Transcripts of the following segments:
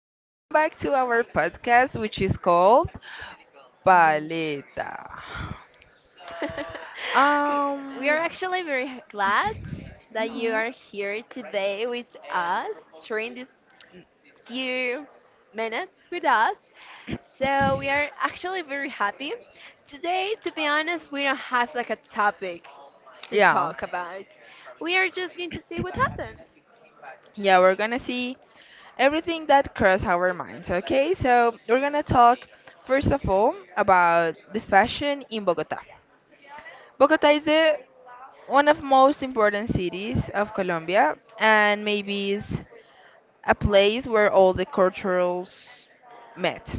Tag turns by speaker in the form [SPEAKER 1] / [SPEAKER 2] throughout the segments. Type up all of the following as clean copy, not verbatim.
[SPEAKER 1] Welcome back to our podcast, which is called
[SPEAKER 2] Mm.
[SPEAKER 1] Paleta.
[SPEAKER 2] We are
[SPEAKER 1] Um,
[SPEAKER 2] actually glad that you
[SPEAKER 1] mhm.
[SPEAKER 2] are here today with us, sharing this few minutes with us. So we are actually very happy. Today, to be honest, we don't have like a topic to
[SPEAKER 1] yeah,
[SPEAKER 2] talk about. We are just going to see what happened.
[SPEAKER 1] yeah, we're gonna see everything that crossed our minds, okay? We're gonna talk first of all about the fashion in Bogota. Bogota is the one of most important cities of Colombia and maybe is a place where all the cultures met,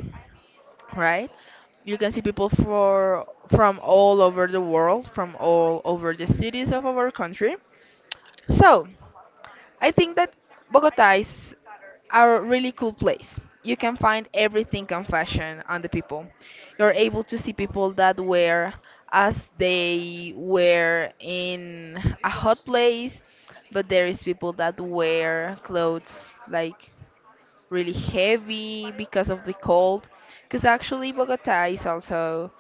[SPEAKER 1] right? You can see people for from all over the world, from all over the cities of our country. So, I think that Bogota is a really cool place. You can find everything on fashion on the people. You're able to see people that wear as they were in a hot place, but there is people that wear clothes like really heavy because of the cold. Because actually, Bogota is also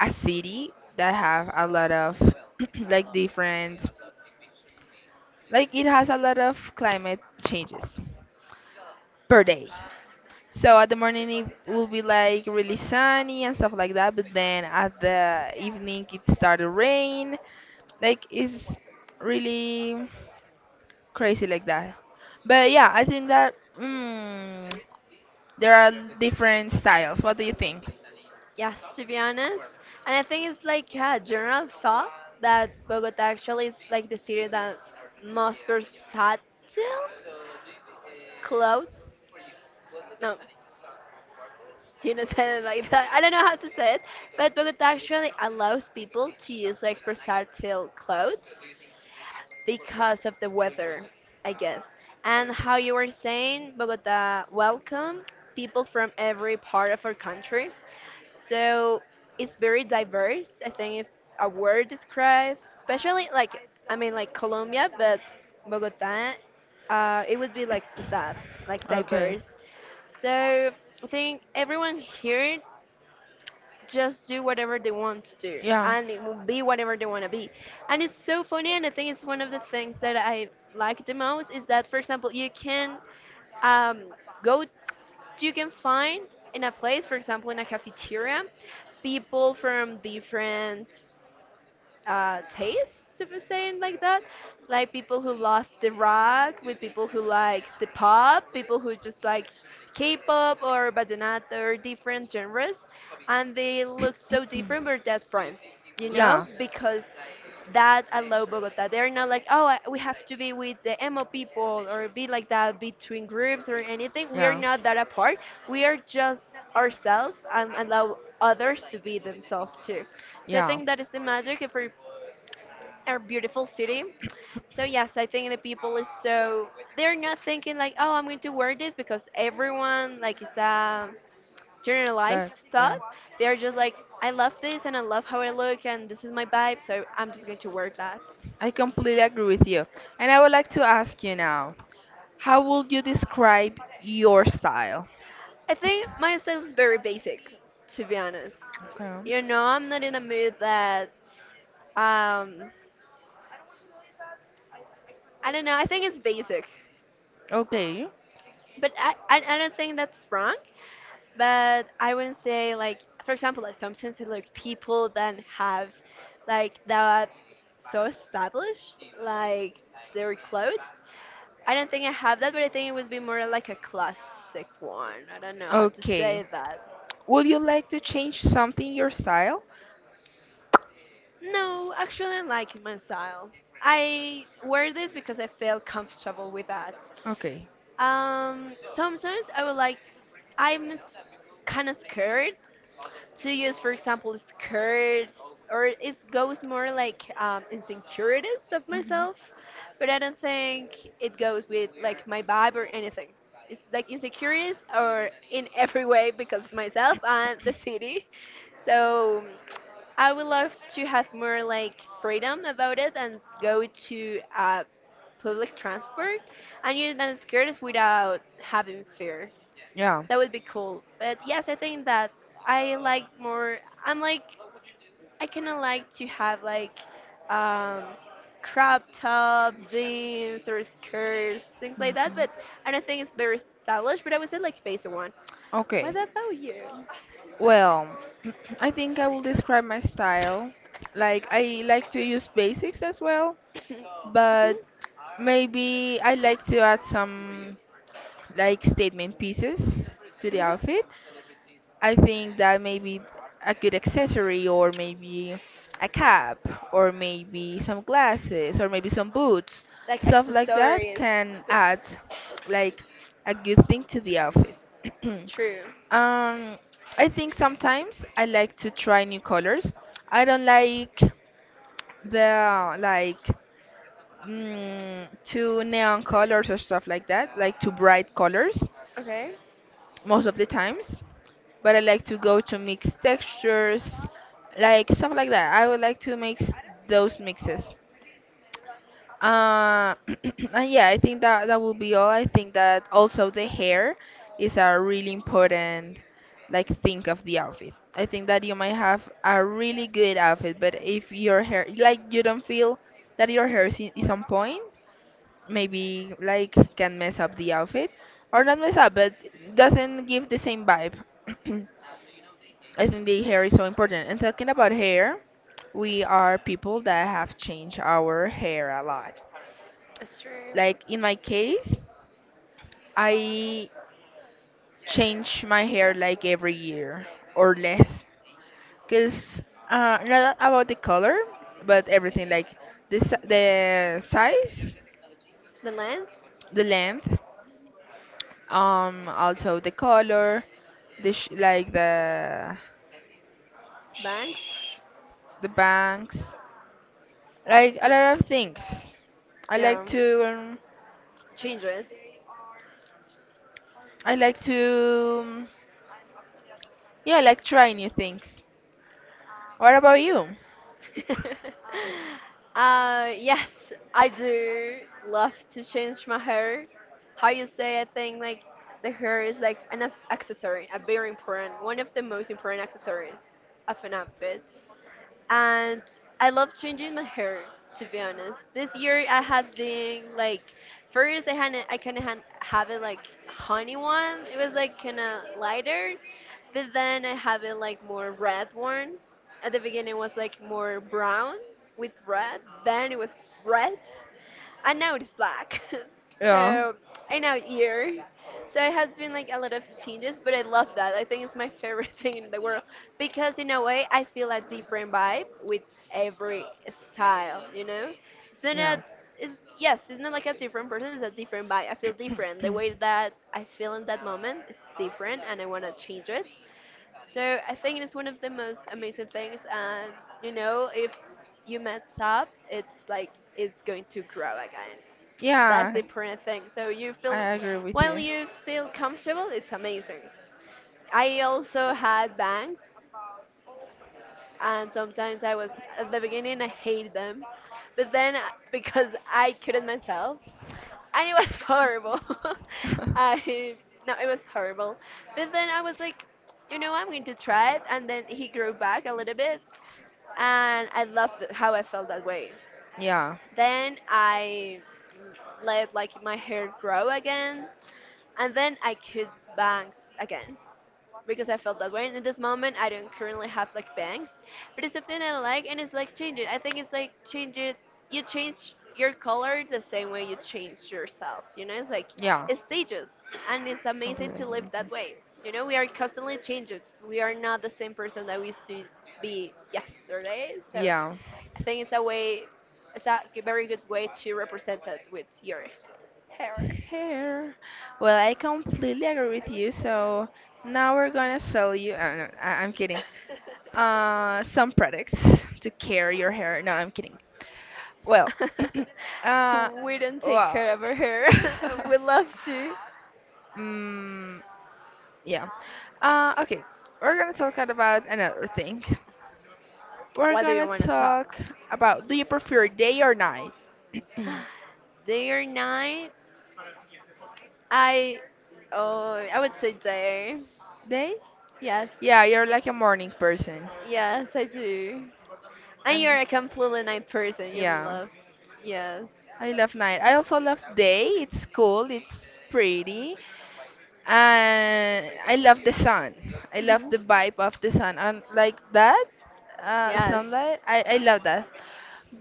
[SPEAKER 1] a city that have a lot of like different, like it has a lot of climate changes per day. So at the morning it will be like really sunny and stuff like that, but then at the evening it started rain. Like it's really crazy like that. But yeah, I think that there are different styles. What do you think?
[SPEAKER 2] Yes, to be honest. And I think it's like a general thought that Bogota actually is like the city that most versatile clothes. No, you don't say it like that. I don't know how to say it, but Bogota actually allows people to use like versatile clothes because of the weather, I guess. And how you were saying, Bogota welcome people from every part of our country. So it's very diverse. I think if a word describes, especially like I mean like Colombia, but Bogota, it would be like that, like
[SPEAKER 1] Okay.
[SPEAKER 2] diverse. So I think everyone here just do whatever they want to do
[SPEAKER 1] Yeah,
[SPEAKER 2] and it will be whatever they want to be. And it's so funny and I think it's one of the things that I like the most is that for example you can um, go you can find in a place, for example, in a cafeteria, people from different taste, to be saying like that. Like people who love the rock, with people who like the pop, people who just like K-pop or vallenato or different genres, and they look so different, but they friends, you know,
[SPEAKER 1] yeah,
[SPEAKER 2] because that I love Bogota. They're not like, oh, we have to be with the emo people or be like that between groups or anything. We are
[SPEAKER 1] yeah,
[SPEAKER 2] not that apart. We are just ourselves and allow others to be themselves too. So I
[SPEAKER 1] yeah.
[SPEAKER 2] think that is the magic for our beautiful city. So yes, I think the people is so they're not thinking like, oh, I'm going to wear this because everyone like it's a
[SPEAKER 1] That,
[SPEAKER 2] generalized
[SPEAKER 1] yeah.
[SPEAKER 2] thought. They're just like, I love this and I love how I look and this is my vibe, so I'm just going to wear that.
[SPEAKER 1] I completely agree with you. And I would like to ask you now, how would you describe your style?
[SPEAKER 2] I think my style is very basic, to be honest.
[SPEAKER 1] Okay.
[SPEAKER 2] You know, I'm not in a mood that um I don't know. I think it's basic,
[SPEAKER 1] Okay.
[SPEAKER 2] but I don't think that's wrong. But I wouldn't say like for example like some sense like people that have like that so established like their clothes. I don't think I have that, but I think it would be more like a classic one. I don't know how to
[SPEAKER 1] Okay.
[SPEAKER 2] say that.
[SPEAKER 1] Would you like to change something in your style?
[SPEAKER 2] No, actually, I like my style. I wear this because I feel comfortable with that.
[SPEAKER 1] Okay.
[SPEAKER 2] Sometimes I would like. I'm kind of scared to use, for example, skirts, or it goes more like insecurities of
[SPEAKER 1] Hmm.
[SPEAKER 2] myself, but I don't think it goes with like my vibe or anything. It's like insecurities or in every way because of myself and the city. So I would love to have more like freedom about it and go to public transport and use my skirts without having fear.
[SPEAKER 1] Yeah.
[SPEAKER 2] That would be cool. But yes, I think that I like more. I'm like I kind of like to have like um, crop tops, jeans, or skirts, things like that. But I don't think it's very stylish. But I would say like basic one. What
[SPEAKER 1] Okay.
[SPEAKER 2] about you?
[SPEAKER 1] Well, I think I will describe my style. Like I like to use basics as well, but
[SPEAKER 2] Mhm.
[SPEAKER 1] maybe I like to add some like statement pieces to the outfit. I think that maybe a good accessory or maybe a cap or maybe some glasses or maybe some boots,
[SPEAKER 2] Like
[SPEAKER 1] stuff like that
[SPEAKER 2] accessories.
[SPEAKER 1] can
[SPEAKER 2] Th-
[SPEAKER 1] add like a good thing to the outfit.
[SPEAKER 2] True.
[SPEAKER 1] Um, I think sometimes I like to try new colors. I don't like the like too neon colors or stuff like that, like too bright colors
[SPEAKER 2] Okay,
[SPEAKER 1] most of the times, but I like to go to mix textures, like stuff like that. I would like to make those mixes. Uh, and yeah, I think that will be all. I think that also the hair is a really important like thing of the outfit. I think that you might have a really good outfit, but if your hair like you don't feel that your hair is on point, maybe like can mess up the outfit or not mess up but doesn't give the same vibe. I think the hair is so important, and talking about hair, we are people that have changed our hair a lot,
[SPEAKER 2] that's true.
[SPEAKER 1] like in my case, I change my hair like every year or less because not about the color but everything like the size,
[SPEAKER 2] The lens.
[SPEAKER 1] the length. Also the color, the sh like the
[SPEAKER 2] Bangs,
[SPEAKER 1] sh the banks, like a lot of things. I
[SPEAKER 2] yeah,
[SPEAKER 1] like to um,
[SPEAKER 2] change it.
[SPEAKER 1] I like to yeah, I like try new things. What about you?
[SPEAKER 2] Yes, I do love to change my hair. How you say, I think like the hair is like an accessory, a very important, one of the most important accessories of an outfit and I love changing my hair. To be honest, this year I have been like, first I kind of had have it like honey one. It was like kind of lighter, but then I have it like more red one. At the beginning it was like more brown with red. Then it was red. I know it's black.
[SPEAKER 1] Yeah,
[SPEAKER 2] So I know year. So it has been like a lot of changes, but I love that. I think it's my favorite thing in the world because in a way I feel a different vibe with every style, you know? So that
[SPEAKER 1] yeah,
[SPEAKER 2] is yes, it's not like a different person, it's a different vibe. I feel different. The way that I feel in that moment is different and I want to change it. So I think it's one of the most amazing things and you know, if you mess up, it's like it's going to grow again. That's the
[SPEAKER 1] yeah.
[SPEAKER 2] important thing. So you
[SPEAKER 1] I
[SPEAKER 2] feel,
[SPEAKER 1] agree with
[SPEAKER 2] while
[SPEAKER 1] you.
[SPEAKER 2] you feel comfortable, it's amazing. I also had bangs, and sometimes I was at the beginning I hated them, but then because I couldn't myself, and it was horrible. I No, it was horrible. But then I was like, you know, I'm going to try it, and then he grew back a little bit, and I loved it, how I felt that way.
[SPEAKER 1] Yeah,
[SPEAKER 2] Then I let like my hair grow again and then I could bangs again because I felt that way. And in this moment, I don't currently have like bangs, but it's something I like, and it's like change it. I think it's like change it. You change your color the same way you change yourself. You know, it's like
[SPEAKER 1] yeah,
[SPEAKER 2] it's stages, and it's amazing
[SPEAKER 1] completely
[SPEAKER 2] to
[SPEAKER 1] agree
[SPEAKER 2] live
[SPEAKER 1] with
[SPEAKER 2] that way. You know, we are constantly changed. We are not the same person that we used to be yesterday.
[SPEAKER 1] you.
[SPEAKER 2] So
[SPEAKER 1] Yeah.
[SPEAKER 2] I think it's a way, it's a very good way to represent it with your.
[SPEAKER 1] Here. Well, I completely agree with you. So now we're gonna sell you. No, I I'm kidding. Some products to care your hair. No, I'm kidding. Well, uh,
[SPEAKER 2] Who wouldn't take
[SPEAKER 1] wow.
[SPEAKER 2] care of her hair? We love to.
[SPEAKER 1] mm, yeah. Okay, we're gonna talk about another thing. We're
[SPEAKER 2] What do you
[SPEAKER 1] gonna
[SPEAKER 2] want to talk?
[SPEAKER 1] talk about Do you prefer day or night?
[SPEAKER 2] Day or night? I, oh, I would say day.
[SPEAKER 1] Day?
[SPEAKER 2] Yes,
[SPEAKER 1] Yeah, you're like a morning person.
[SPEAKER 2] yes, I do. And
[SPEAKER 1] And
[SPEAKER 2] you're a completely night person. You
[SPEAKER 1] yeah,
[SPEAKER 2] love, yes,
[SPEAKER 1] I love night. I also love day. It's cool, it's pretty. And I love the sun. I love
[SPEAKER 2] Mhm.
[SPEAKER 1] the vibe of the sun and like that
[SPEAKER 2] Yes,
[SPEAKER 1] sunlight. I love that,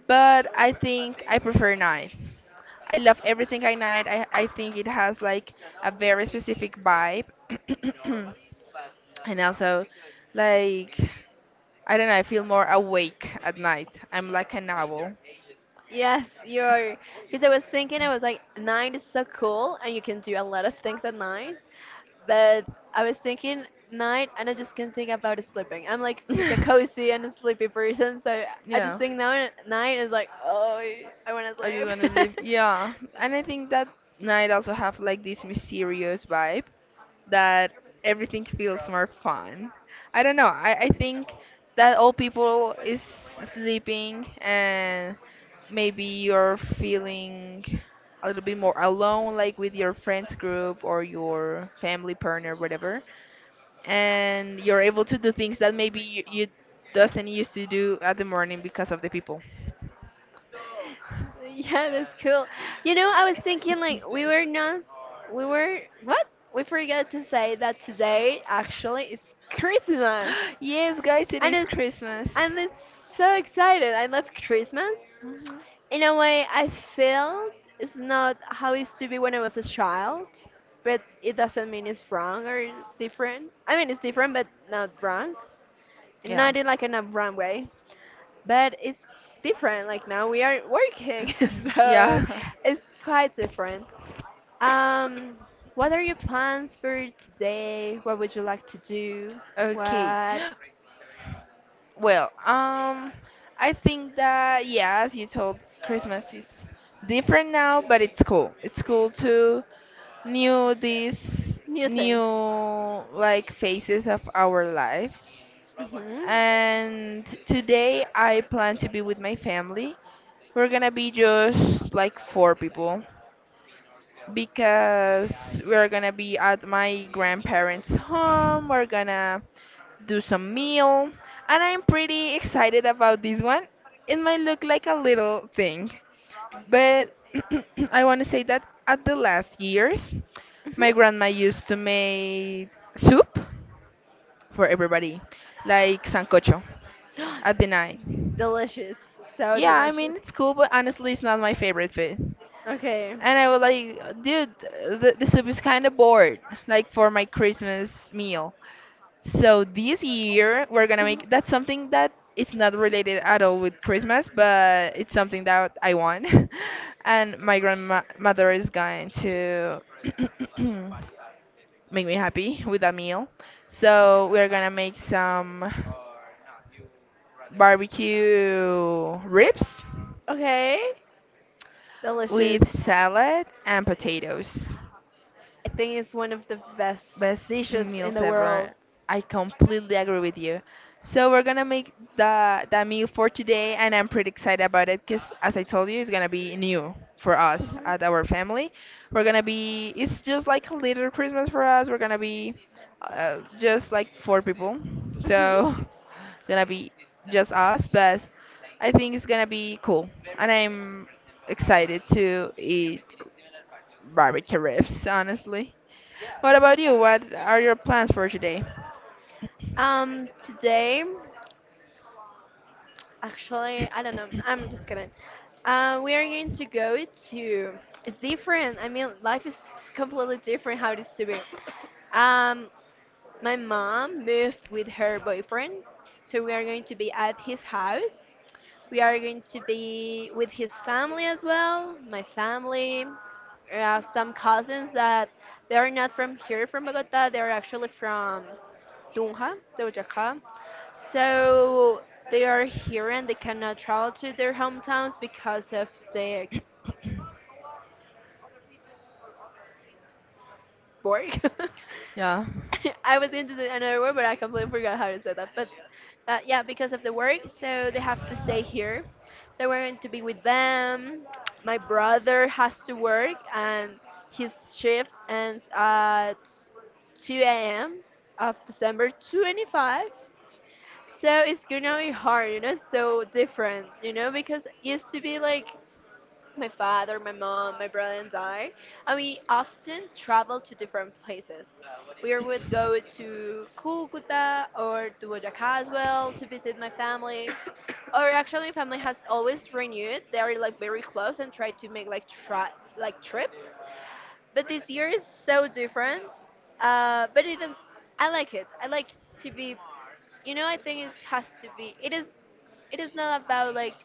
[SPEAKER 1] but I think I prefer night. I love everything at night. I think it has like a very specific vibe. And also like I don't know. I feel more awake at night. I'm like an owl.
[SPEAKER 2] yes. You're because I was thinking I was like night is so cool and you can do a lot of things at night. But I was thinking night and I just can't think about sleeping. I'm like such a cozy and a sleepy person, so I just
[SPEAKER 1] Yeah,
[SPEAKER 2] think now night is like, oh, I want to
[SPEAKER 1] I just want to
[SPEAKER 2] sleep.
[SPEAKER 1] live. Yeah, and I think that night also have like this mysterious vibe, that everything feels more fun. I don't know. I think that all people is sleeping and maybe you're feeling a little bit more alone like with your friends group or your family partner whatever, and you're able to do things that maybe you doesn't used to do at the morning because of the people.
[SPEAKER 2] Yeah, that's cool. You know, I was thinking like we were not, we were what? We forgot to say that today actually is Christmas,
[SPEAKER 1] Yes, guys, it
[SPEAKER 2] and
[SPEAKER 1] is
[SPEAKER 2] it's
[SPEAKER 1] Christmas.
[SPEAKER 2] and it's so excited. I love Christmas.
[SPEAKER 1] Mhm.
[SPEAKER 2] In a way, I feel it's not how it used to be when I was a child, but it doesn't mean it's wrong or different. I mean, it's different, but not wrong.
[SPEAKER 1] Yeah.
[SPEAKER 2] Not in like in a wrong way, but it's different. Like now we are working, so
[SPEAKER 1] Yeah.
[SPEAKER 2] it's quite different. Um, what are your plans for today? What would you like to do?
[SPEAKER 1] Okay.
[SPEAKER 2] What
[SPEAKER 1] Well, I think that yeah, as you told, Christmas is different now, but it's cool. It's cool to new these
[SPEAKER 2] new things?
[SPEAKER 1] new like phases of our lives.
[SPEAKER 2] Mhm.
[SPEAKER 1] And today I plan to be with my family. We're gonna be just like four people because we're gonna be at my grandparents' home. We're gonna do some meal, and I'm pretty excited about this one. It might look like a little thing, but I want to say that at the last years,
[SPEAKER 2] Mhm.
[SPEAKER 1] my grandma used to make soup for everybody, like sancocho at the night.
[SPEAKER 2] Delicious. So
[SPEAKER 1] Yeah, I
[SPEAKER 2] delicious.
[SPEAKER 1] mean it's cool, but honestly, it's not my favorite food.
[SPEAKER 2] Okay.
[SPEAKER 1] And I was like, dude, the soup is kind of bored, like for my Christmas meal. So this year we're gonna
[SPEAKER 2] Mhm.
[SPEAKER 1] make that's something that it's not related at all with Christmas, but it's something that I want. And my grandmother is going to make me happy with a meal. So we're gonna make some barbecue ribs
[SPEAKER 2] Okay. Delicious.
[SPEAKER 1] with salad and potatoes.
[SPEAKER 2] I think it's one of the best
[SPEAKER 1] Best
[SPEAKER 2] dishes in
[SPEAKER 1] meals
[SPEAKER 2] the
[SPEAKER 1] ever.
[SPEAKER 2] world.
[SPEAKER 1] I completely agree with you. So we're gonna make the meal for today, and I'm pretty excited about it because, as I told you, it's gonna be new for us
[SPEAKER 2] Mhm.
[SPEAKER 1] at our family. We're gonna be. It's just like a little Christmas for us. We're gonna be just like four people,
[SPEAKER 2] Mhm.
[SPEAKER 1] so it's gonna be just us. But I think it's gonna be cool, and I'm excited to eat barbecue ribs, honestly. What about you? What are your plans for today?
[SPEAKER 2] Today. Actually, I don't know. I'm just kidding. We are going to go to. It's different. I mean, life is completely different how it is to be. Um, my mom moved with her boyfriend, so we are going to be at his house. We are going to be with his family as well. My family, some cousins that they are not from here, from Bogota. They are actually from Dunha, Doja Cat. So they are here and they cannot travel to their hometowns because of the work.
[SPEAKER 1] Yeah,
[SPEAKER 2] I was going to say another word, but I completely forgot how to say that. But yeah, because of the work, so they have to stay here. So we're going to be with them. My brother has to work, and his shift ends at 2 a.m. of December 25. So it's gonna be hard, you know, so different, you know, because it used to be like my father, my mom, my brother, and I, and we often travel to different places. We would go to Cucuta or to Boyacá as well to visit my family. Or actually, my family has always renewed. They are like very close and try to make like trips. But this year is so different. Uh, but it, I like it. I like to be. You know, I think it has to be. It is not about like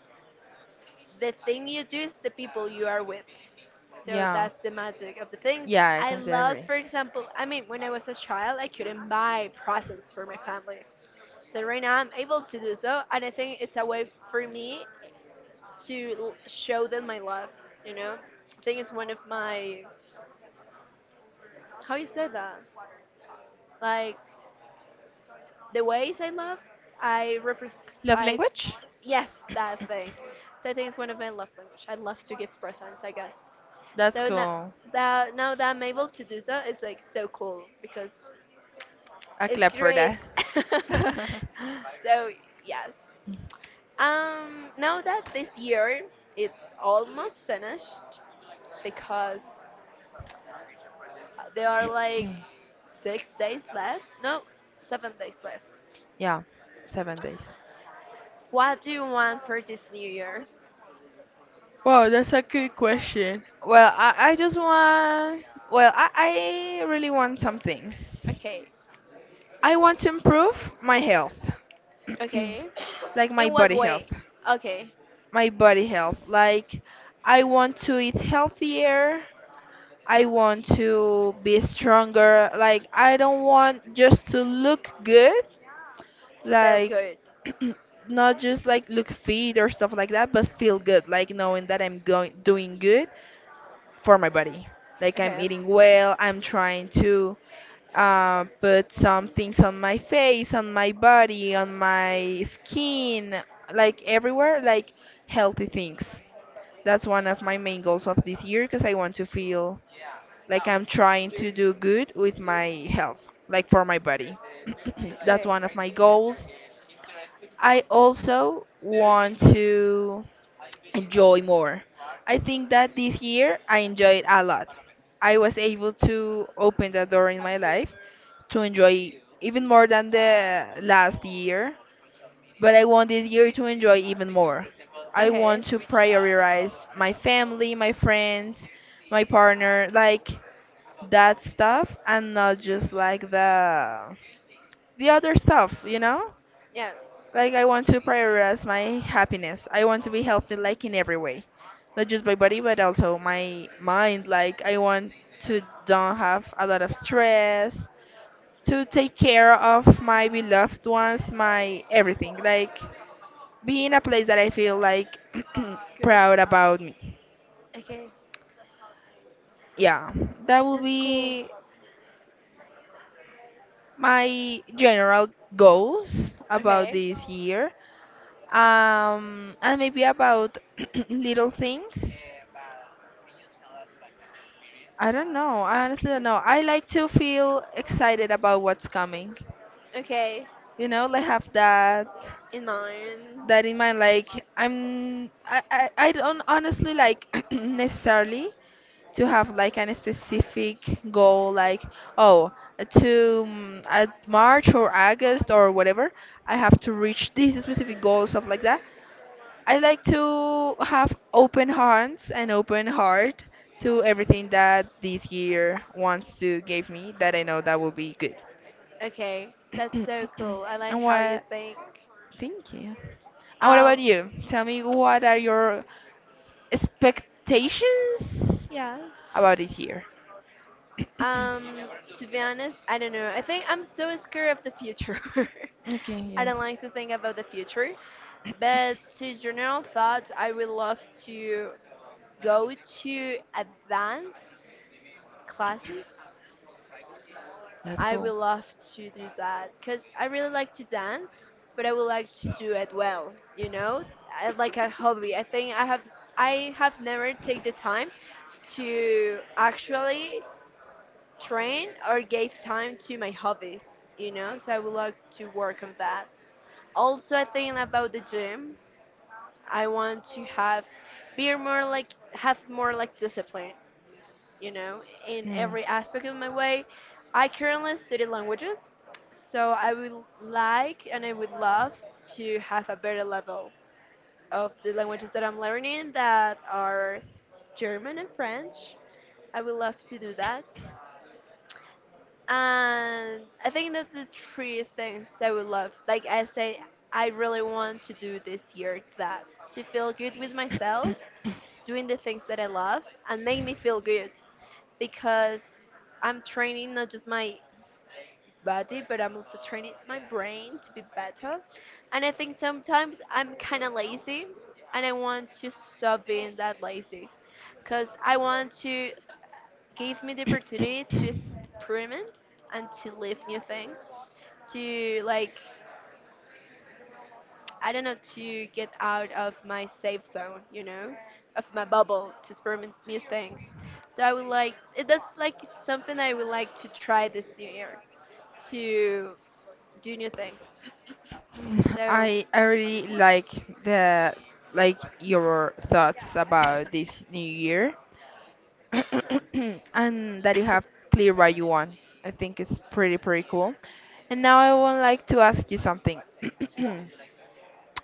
[SPEAKER 2] the thing you do, it's the people you are with. So
[SPEAKER 1] yeah,
[SPEAKER 2] that's the magic of the things.
[SPEAKER 1] yeah, I
[SPEAKER 2] I
[SPEAKER 1] completely
[SPEAKER 2] love,
[SPEAKER 1] agree.
[SPEAKER 2] for example, I mean, when I was a child, I couldn't buy presents for my family. So right now I'm able to do so, and I think it's a way for me to show them my love, you know? I think it's one of my, how you say that? Like, the ways I love, I repres
[SPEAKER 1] Love
[SPEAKER 2] I,
[SPEAKER 1] language?
[SPEAKER 2] yes, that thing. So I think it's one of my love language. I love to give presents, I guess.
[SPEAKER 1] That's
[SPEAKER 2] So now
[SPEAKER 1] cool.
[SPEAKER 2] that I'm able to do so, it's like so cool because
[SPEAKER 1] A
[SPEAKER 2] it's
[SPEAKER 1] clap for
[SPEAKER 2] great.
[SPEAKER 1] that.
[SPEAKER 2] so yes. Now that this year it's almost finished because there are like 6 days left. No, 7 days left.
[SPEAKER 1] Yeah, 7 days.
[SPEAKER 2] What do you want for this new year?
[SPEAKER 1] Wow, that's a good question. Well, I just want, well, I really want some things.
[SPEAKER 2] Okay.
[SPEAKER 1] I want to improve my health,
[SPEAKER 2] Okay.
[SPEAKER 1] like my
[SPEAKER 2] In what
[SPEAKER 1] body
[SPEAKER 2] way?
[SPEAKER 1] health.
[SPEAKER 2] Okay.
[SPEAKER 1] My body health. Like, I want to eat healthier. I want to be stronger. Like, I don't want just to look good,
[SPEAKER 2] Felt
[SPEAKER 1] like,
[SPEAKER 2] good.
[SPEAKER 1] not just like look fit or stuff like that, but feel good, like knowing that I'm going doing good for my body. Like, I'm
[SPEAKER 2] Okay.
[SPEAKER 1] eating well, I'm trying to put some things on my face, on my body, on my skin, like everywhere, like healthy things. That's one of my main goals of this year because I want to feel like I'm trying to do good with my health, like for my body. That's
[SPEAKER 2] Okay.
[SPEAKER 1] one of my goals. I also want to enjoy more. I think that this year I enjoyed a lot. I was able to open the door in my life to enjoy even more than the last year, but I want this year to enjoy even more. I
[SPEAKER 2] Okay.
[SPEAKER 1] want to prioritize my family, my friends, my partner. Like, that stuff and not just like the other stuff,
[SPEAKER 2] Yes.
[SPEAKER 1] Like I want to prioritize my happiness. I want to be healthy like in every way. Not just my body but also my mind. Like I want to don't have a lot of stress, to take care of my beloved ones, my everything. Like be in a place that I feel like
[SPEAKER 2] Good.
[SPEAKER 1] proud about me.
[SPEAKER 2] Okay.
[SPEAKER 1] Yeah. That will
[SPEAKER 2] That's cool.
[SPEAKER 1] be my general goals about
[SPEAKER 2] Okay.
[SPEAKER 1] this year. And maybe about little things, I don't know, I honestly don't know. I like to feel excited about what's coming,
[SPEAKER 2] Okay.
[SPEAKER 1] you know, like have that
[SPEAKER 2] In mine.
[SPEAKER 1] that in mind. I don't honestly like necessarily to have like any specific goal like oh, at March or August or whatever I have to reach these specific goals stuff like that. I like to have open hands and open heart to everything that this year wants to give me, that I know that will be good.
[SPEAKER 2] Okay. That's so cool. I like
[SPEAKER 1] And
[SPEAKER 2] how you
[SPEAKER 1] what —
[SPEAKER 2] think.
[SPEAKER 1] thank you — and what
[SPEAKER 2] Um.
[SPEAKER 1] about you? Tell me, what are your expectations
[SPEAKER 2] Yes.
[SPEAKER 1] about this year?
[SPEAKER 2] Um, to be honest, I don't know. I think I'm so scared of the future.
[SPEAKER 1] Okay,
[SPEAKER 2] I
[SPEAKER 1] yeah.
[SPEAKER 2] don't like to think about the future. But to general thoughts, I would love to go to advanced classes.
[SPEAKER 1] That's
[SPEAKER 2] I
[SPEAKER 1] cool.
[SPEAKER 2] would love to do that because I really like to dance, but I would like to do it well, you know, I, like a hobby. I think I have never take the time to actually train or gave time to my hobbies, you know, so I would like to work on that. Also, I think about the gym, I want to have be more like have more like discipline, you know, in
[SPEAKER 1] Hmm.
[SPEAKER 2] every aspect of my way. I currently study languages, so I would like and I would love to have a better level of the languages that I'm learning that are German and French. I would love to do that. And I think that's the three things I would love. Like I say, I really want to do this year that to feel good with myself, doing the things that I love, and make me feel good because I'm training not just my body, but I'm also training my brain to be better. And I think sometimes I'm kind of lazy, and I want to stop being that lazy because I want to gave me the opportunity to experiment and to live new things, to like, I don't know, to get out of my safe zone, you know, of my bubble, to experiment new things. So I would like, that's like something I would like to try this new year, to do new things. So,
[SPEAKER 1] I really like the like your thoughts about this new year and that you have clear what you want. I think it's pretty pretty cool. And now I would like to ask you something.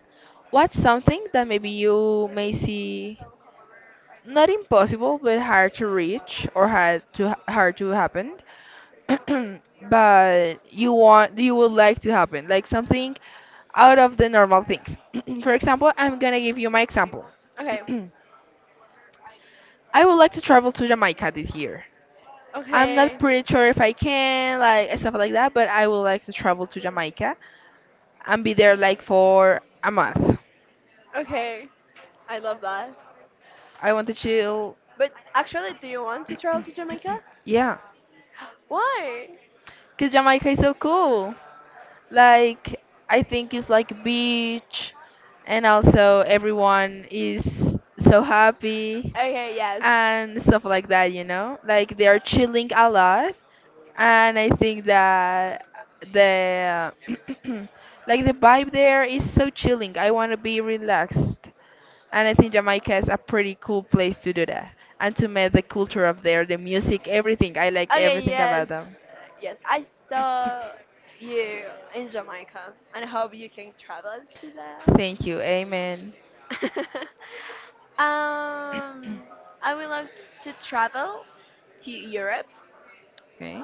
[SPEAKER 1] What's something that maybe you may see not impossible but hard to reach or hard to happen but you would like to happen, like something out of the normal things? For example, I'm gonna give you my example.
[SPEAKER 2] okay,
[SPEAKER 1] I would like to travel to Jamaica this year. I'm not
[SPEAKER 2] okay,
[SPEAKER 1] pretty sure if I can, like, stuff like that, but I would like to travel to
[SPEAKER 2] okay.
[SPEAKER 1] Jamaica and be there like for a month.
[SPEAKER 2] Okay, I love that.
[SPEAKER 1] I want to chill.
[SPEAKER 2] But actually, do you want to travel to Jamaica?
[SPEAKER 1] Yeah,
[SPEAKER 2] Why?
[SPEAKER 1] because Jamaica is so cool. Like, I think it's like beach and also everyone is so happy
[SPEAKER 2] Okay, yes.
[SPEAKER 1] and stuff like that, you know? Like they are chilling a lot, and I think that the like the vibe there is so chilling. I want to be relaxed. And I think Jamaica is a pretty cool place to do that and to meet the culture of there, the music, everything. I like
[SPEAKER 2] Okay,
[SPEAKER 1] everything about
[SPEAKER 2] yes.
[SPEAKER 1] them.
[SPEAKER 2] Yes, I saw you in Jamaica and I hope you can travel to there.
[SPEAKER 1] Thank you. Amen.
[SPEAKER 2] um, I would love to travel to Europe
[SPEAKER 1] Okay.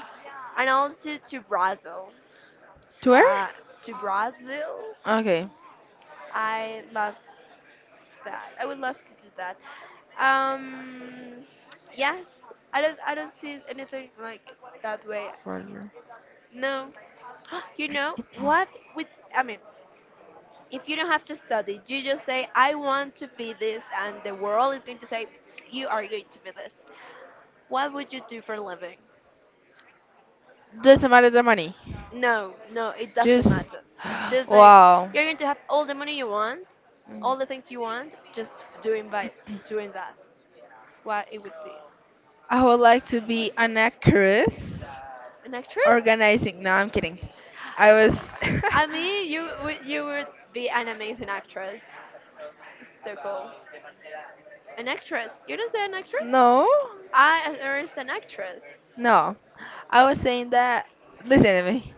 [SPEAKER 2] and also to Brazil.
[SPEAKER 1] To where?
[SPEAKER 2] Uh, to Brazil?
[SPEAKER 1] Okay.
[SPEAKER 2] I love that. I would love to do that. Um, yes, I don't. I don't see anything like that way.
[SPEAKER 1] Roger.
[SPEAKER 2] No, you know what? With I mean, if you don't have to study, you just say, "I want to be this," and the world is going to say, "You are going to be this." What would you do for a living?
[SPEAKER 1] Doesn't matter the money.
[SPEAKER 2] No, no, it doesn't
[SPEAKER 1] Just
[SPEAKER 2] matter. Just like
[SPEAKER 1] wow.
[SPEAKER 2] you're going to have all the money you want, all
[SPEAKER 1] Mm.
[SPEAKER 2] the things you want, just doing by doing that. What it would be.
[SPEAKER 1] I would like to be an actress
[SPEAKER 2] An actress?
[SPEAKER 1] organizing. No, I'm kidding. I was.
[SPEAKER 2] I mean, you would be an amazing actress. So cool. An actress? You didn't say an actress?
[SPEAKER 1] No,
[SPEAKER 2] I There is an actress.
[SPEAKER 1] no. I was saying that. Listen to me.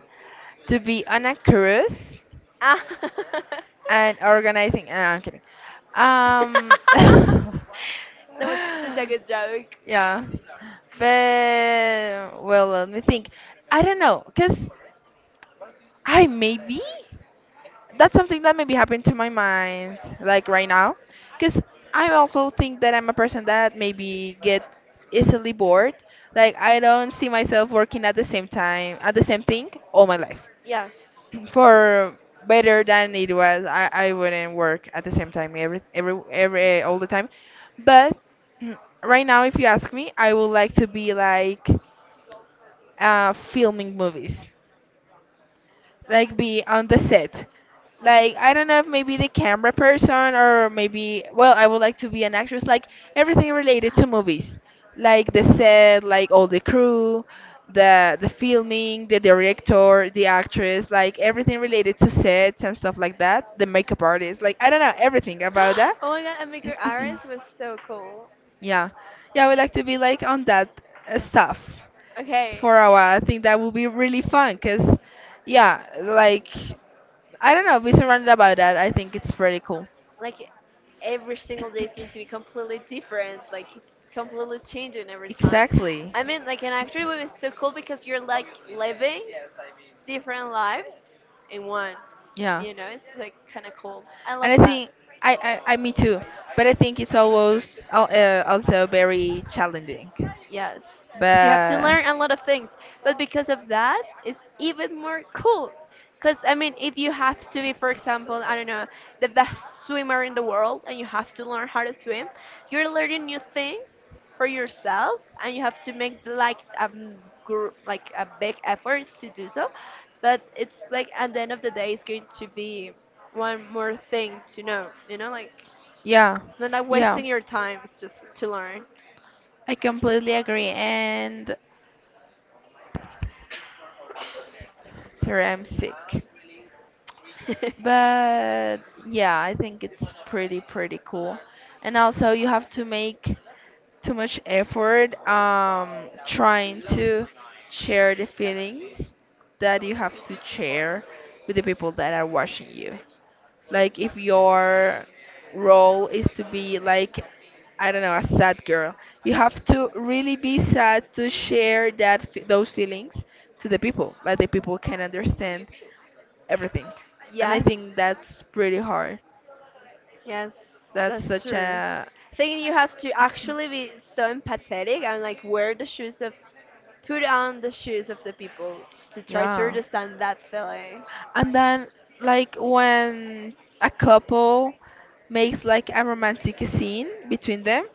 [SPEAKER 1] To be an actress
[SPEAKER 2] Ah.
[SPEAKER 1] and organizing. No, I'm kidding. Um.
[SPEAKER 2] That was such a good joke.
[SPEAKER 1] Yeah. But, well, let me think. I don't know. Because I maybe. That's something that maybe happened to my mind like right now, because I also think that I'm a person that maybe get easily bored. Like, I don't see myself working at the same time at the same thing all my life.
[SPEAKER 2] Yes.
[SPEAKER 1] For better than it was I wouldn't work at the same time every all the time. But right now if you ask me, I would like to be like, filming movies, like be on the set. Like, I don't know if maybe the camera person or maybe, well, I would like to be an actress, like everything related to movies. Like the set, like all the crew, the filming, the director, the actress, like everything related to sets and stuff like that. The makeup artist, like, I don't know, everything about that.
[SPEAKER 2] Oh my god, and Maker Irons was so cool.
[SPEAKER 1] Yeah. Yeah, I would like to be like on that stuff
[SPEAKER 2] Okay,
[SPEAKER 1] for a while.
[SPEAKER 2] yeah.
[SPEAKER 1] I think that will be really fun, because yeah, like, I don't know, be surrounded about that. I think it's pretty cool.
[SPEAKER 2] Like every single day is going to be completely different, like it's completely changing every time.
[SPEAKER 1] Exactly.
[SPEAKER 2] I mean, like an actually it was so cool because you're like living different lives in one,
[SPEAKER 1] Yeah.
[SPEAKER 2] you know, it's like kind of cool. I love
[SPEAKER 1] And I
[SPEAKER 2] that.
[SPEAKER 1] think I me too. But I think it's always also very challenging.
[SPEAKER 2] Yes, because you have to
[SPEAKER 1] But
[SPEAKER 2] learn a lot of things. But because of that, it's even more cool. Because, I mean, if you have to be, for example, I don't know, the best swimmer in the world and you have to learn how to swim, you're learning new things for yourself and you have to make like gr like a big effort to do so. But it's like at the end of the day, it's going to be one more thing to know, you know, like
[SPEAKER 1] yeah.
[SPEAKER 2] it's not like
[SPEAKER 1] Yeah.
[SPEAKER 2] wasting your time, it's just to learn.
[SPEAKER 1] I completely agree, and sorry I'm sick. But yeah, I think it's pretty pretty cool. And also you have to make too much effort trying to share the feelings that you have to share with the people that are watching you. Like if your role is to be like, I don't know, a sad girl, you have to really be sad to share those feelings to the people, like the people can understand everything. And I
[SPEAKER 2] yes,
[SPEAKER 1] think that's pretty hard.
[SPEAKER 2] yes,
[SPEAKER 1] That's
[SPEAKER 2] that's
[SPEAKER 1] such
[SPEAKER 2] true.
[SPEAKER 1] a
[SPEAKER 2] I think you have to actually be so empathetic and like wear the shoes of, put on the shoes of the people to try to
[SPEAKER 1] yeah.
[SPEAKER 2] understand that feeling.
[SPEAKER 1] And then, like, when a couple makes like a romantic scene between them,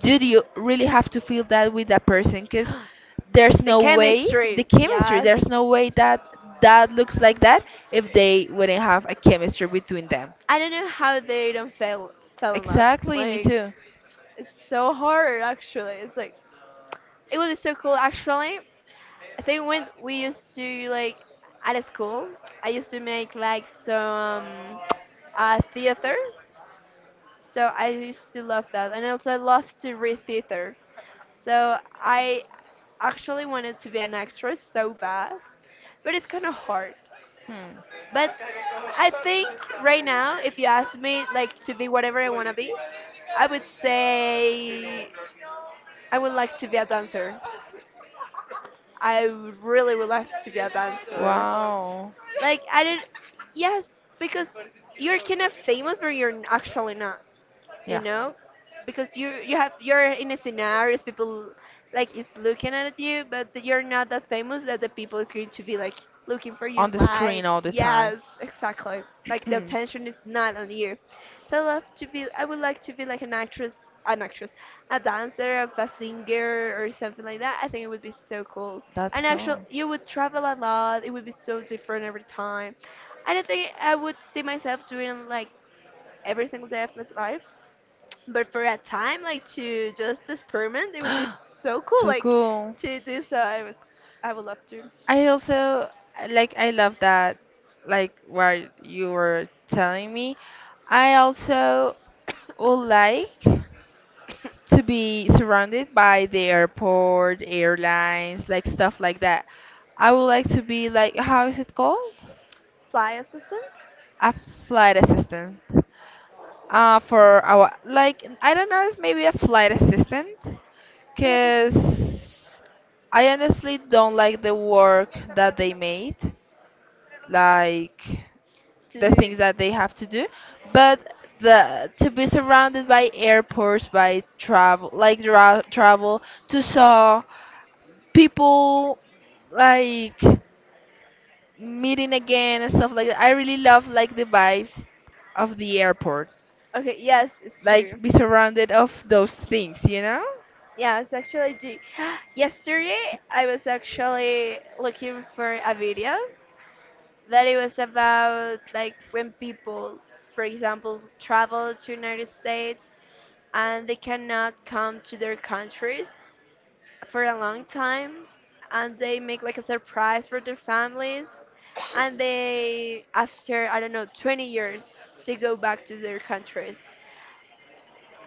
[SPEAKER 1] do you really have to feel that with that person, because there's
[SPEAKER 2] The
[SPEAKER 1] no way the
[SPEAKER 2] chemistry,
[SPEAKER 1] chemistry,
[SPEAKER 2] yes.
[SPEAKER 1] there's no way that that looks like that if they wouldn't have a chemistry between them.
[SPEAKER 2] I don't know how they don't fell in love.
[SPEAKER 1] Exactly, me
[SPEAKER 2] Like
[SPEAKER 1] too.
[SPEAKER 2] it's so hard actually. It's like it would be so cool actually. I think when we used to like at school, I used to make like some theater. So I used to love that, and also I also love to read theater. So I actually wanted to be an actress so bad, but it's kind of hard.
[SPEAKER 1] Hmm.
[SPEAKER 2] But I think right now, if you ask me like to be whatever I want to be, I would say I would like to be a dancer. I really would love to be a dancer.
[SPEAKER 1] Wow.
[SPEAKER 2] Like I did, yes, because you're kind of famous, but actually not, you
[SPEAKER 1] Yeah,
[SPEAKER 2] know, because you have you're in a scenarios people like is looking at you but you're not that famous that the people is going to be like looking for you
[SPEAKER 1] on the
[SPEAKER 2] live,
[SPEAKER 1] screen all the time.
[SPEAKER 2] yes, exactly. Like the attention is not on you. So I love to be, I would like to be like an actress, an actress, a dancer, a singer or something like that. I think it would be so cool,
[SPEAKER 1] That's
[SPEAKER 2] and
[SPEAKER 1] cool.
[SPEAKER 2] actually you would travel a lot, it would be so different every time. I don't think I would see myself doing like every single day of my life, but for a time, like to just experiment, it would be so cool.
[SPEAKER 1] So
[SPEAKER 2] Like
[SPEAKER 1] cool.
[SPEAKER 2] to do so, I would love to.
[SPEAKER 1] I also, like, I love that, like what you were telling me. I also would like to be surrounded by the airport, airlines, like stuff like that. I would like to be like, how is it called?
[SPEAKER 2] Fly assistant?
[SPEAKER 1] A flight assistant. Uh, for our, like I don't know, if maybe a flight assistant,
[SPEAKER 2] What happened?
[SPEAKER 1] because I honestly don't like the work that they made. Like the
[SPEAKER 2] To.
[SPEAKER 1] things that they have to do, but the to be surrounded by airports, by travel, like travel to saw people, like meeting again and stuff like that. I really love like the vibes of the airport,
[SPEAKER 2] Okay, yes, it's
[SPEAKER 1] like
[SPEAKER 2] true.
[SPEAKER 1] be surrounded of those things, you know?
[SPEAKER 2] Yes, actually, I do. Yesterday, I was actually looking for a video that it was about like when people, for example, travel to United States and they cannot come to their countries for a long time and they make like a surprise for their families and they after I don't know 20 years they go back to their countries,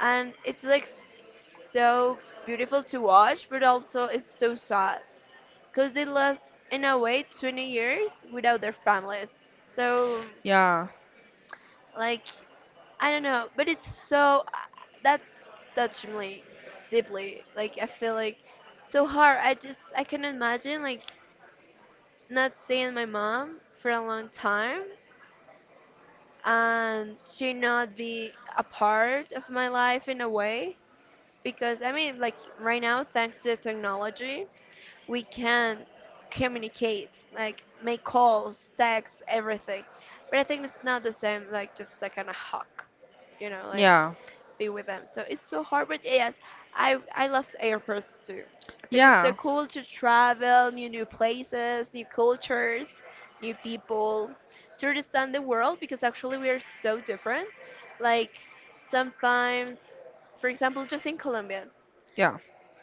[SPEAKER 2] and it's like so beautiful to watch, but also it's so sad because they lost in a way 20 years without their families. So
[SPEAKER 1] Yeah.
[SPEAKER 2] like I don't know, but it's so that touched me deeply, like I feel like so hard, I just I can imagine like not seeing my mom for a long time and she not be a part of my life in a way, because I mean like right now thanks to the technology we can communicate, like make calls, text, everything, but I think it's not the same like just like kind of hug, you know, like
[SPEAKER 1] Yeah.
[SPEAKER 2] be with them. So it's so hard, but yes, I love airports too. I think it's so
[SPEAKER 1] Yeah.
[SPEAKER 2] cool to travel, new places, new cultures, new people, to understand the world because actually we are so different. Like sometimes, for example, just in Colombia,
[SPEAKER 1] Yeah.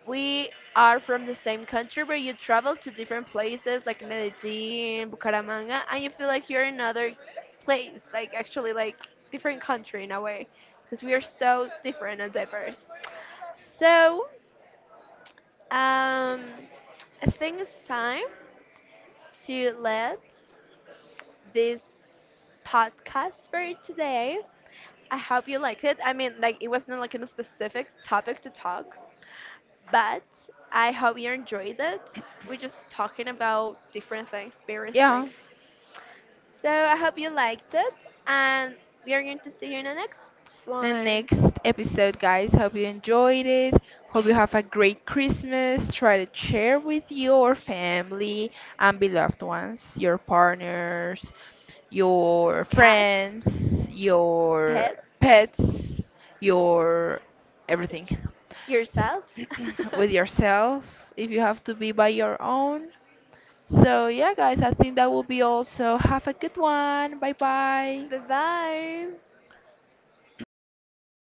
[SPEAKER 2] we are from the same country, but you travel to different places like Medellin, Bucaramanga, and you feel like you're in another place, like actually like different country in a way, because we are so different and diverse. So, um, I think it's time to let this podcast for today. I hope you liked it. I mean, like it wasn't like a specific topic to talk but I hope you enjoyed it. We're just talking about different things, various
[SPEAKER 1] Yeah,
[SPEAKER 2] things. So I hope you liked it, and we are going to see you in the next
[SPEAKER 1] the
[SPEAKER 2] one.
[SPEAKER 1] next episode, guys. Hope you enjoyed it. Hope you have a great Christmas. Try to share with your family and beloved ones, your partners, your
[SPEAKER 2] Cats,
[SPEAKER 1] friends, your
[SPEAKER 2] pets,
[SPEAKER 1] pets, your everything. S-
[SPEAKER 2] yourself.
[SPEAKER 1] with yourself, if you have to be by your own. So, yeah, guys, I think that will be all. So, have a good one. Bye bye.
[SPEAKER 2] Bye bye.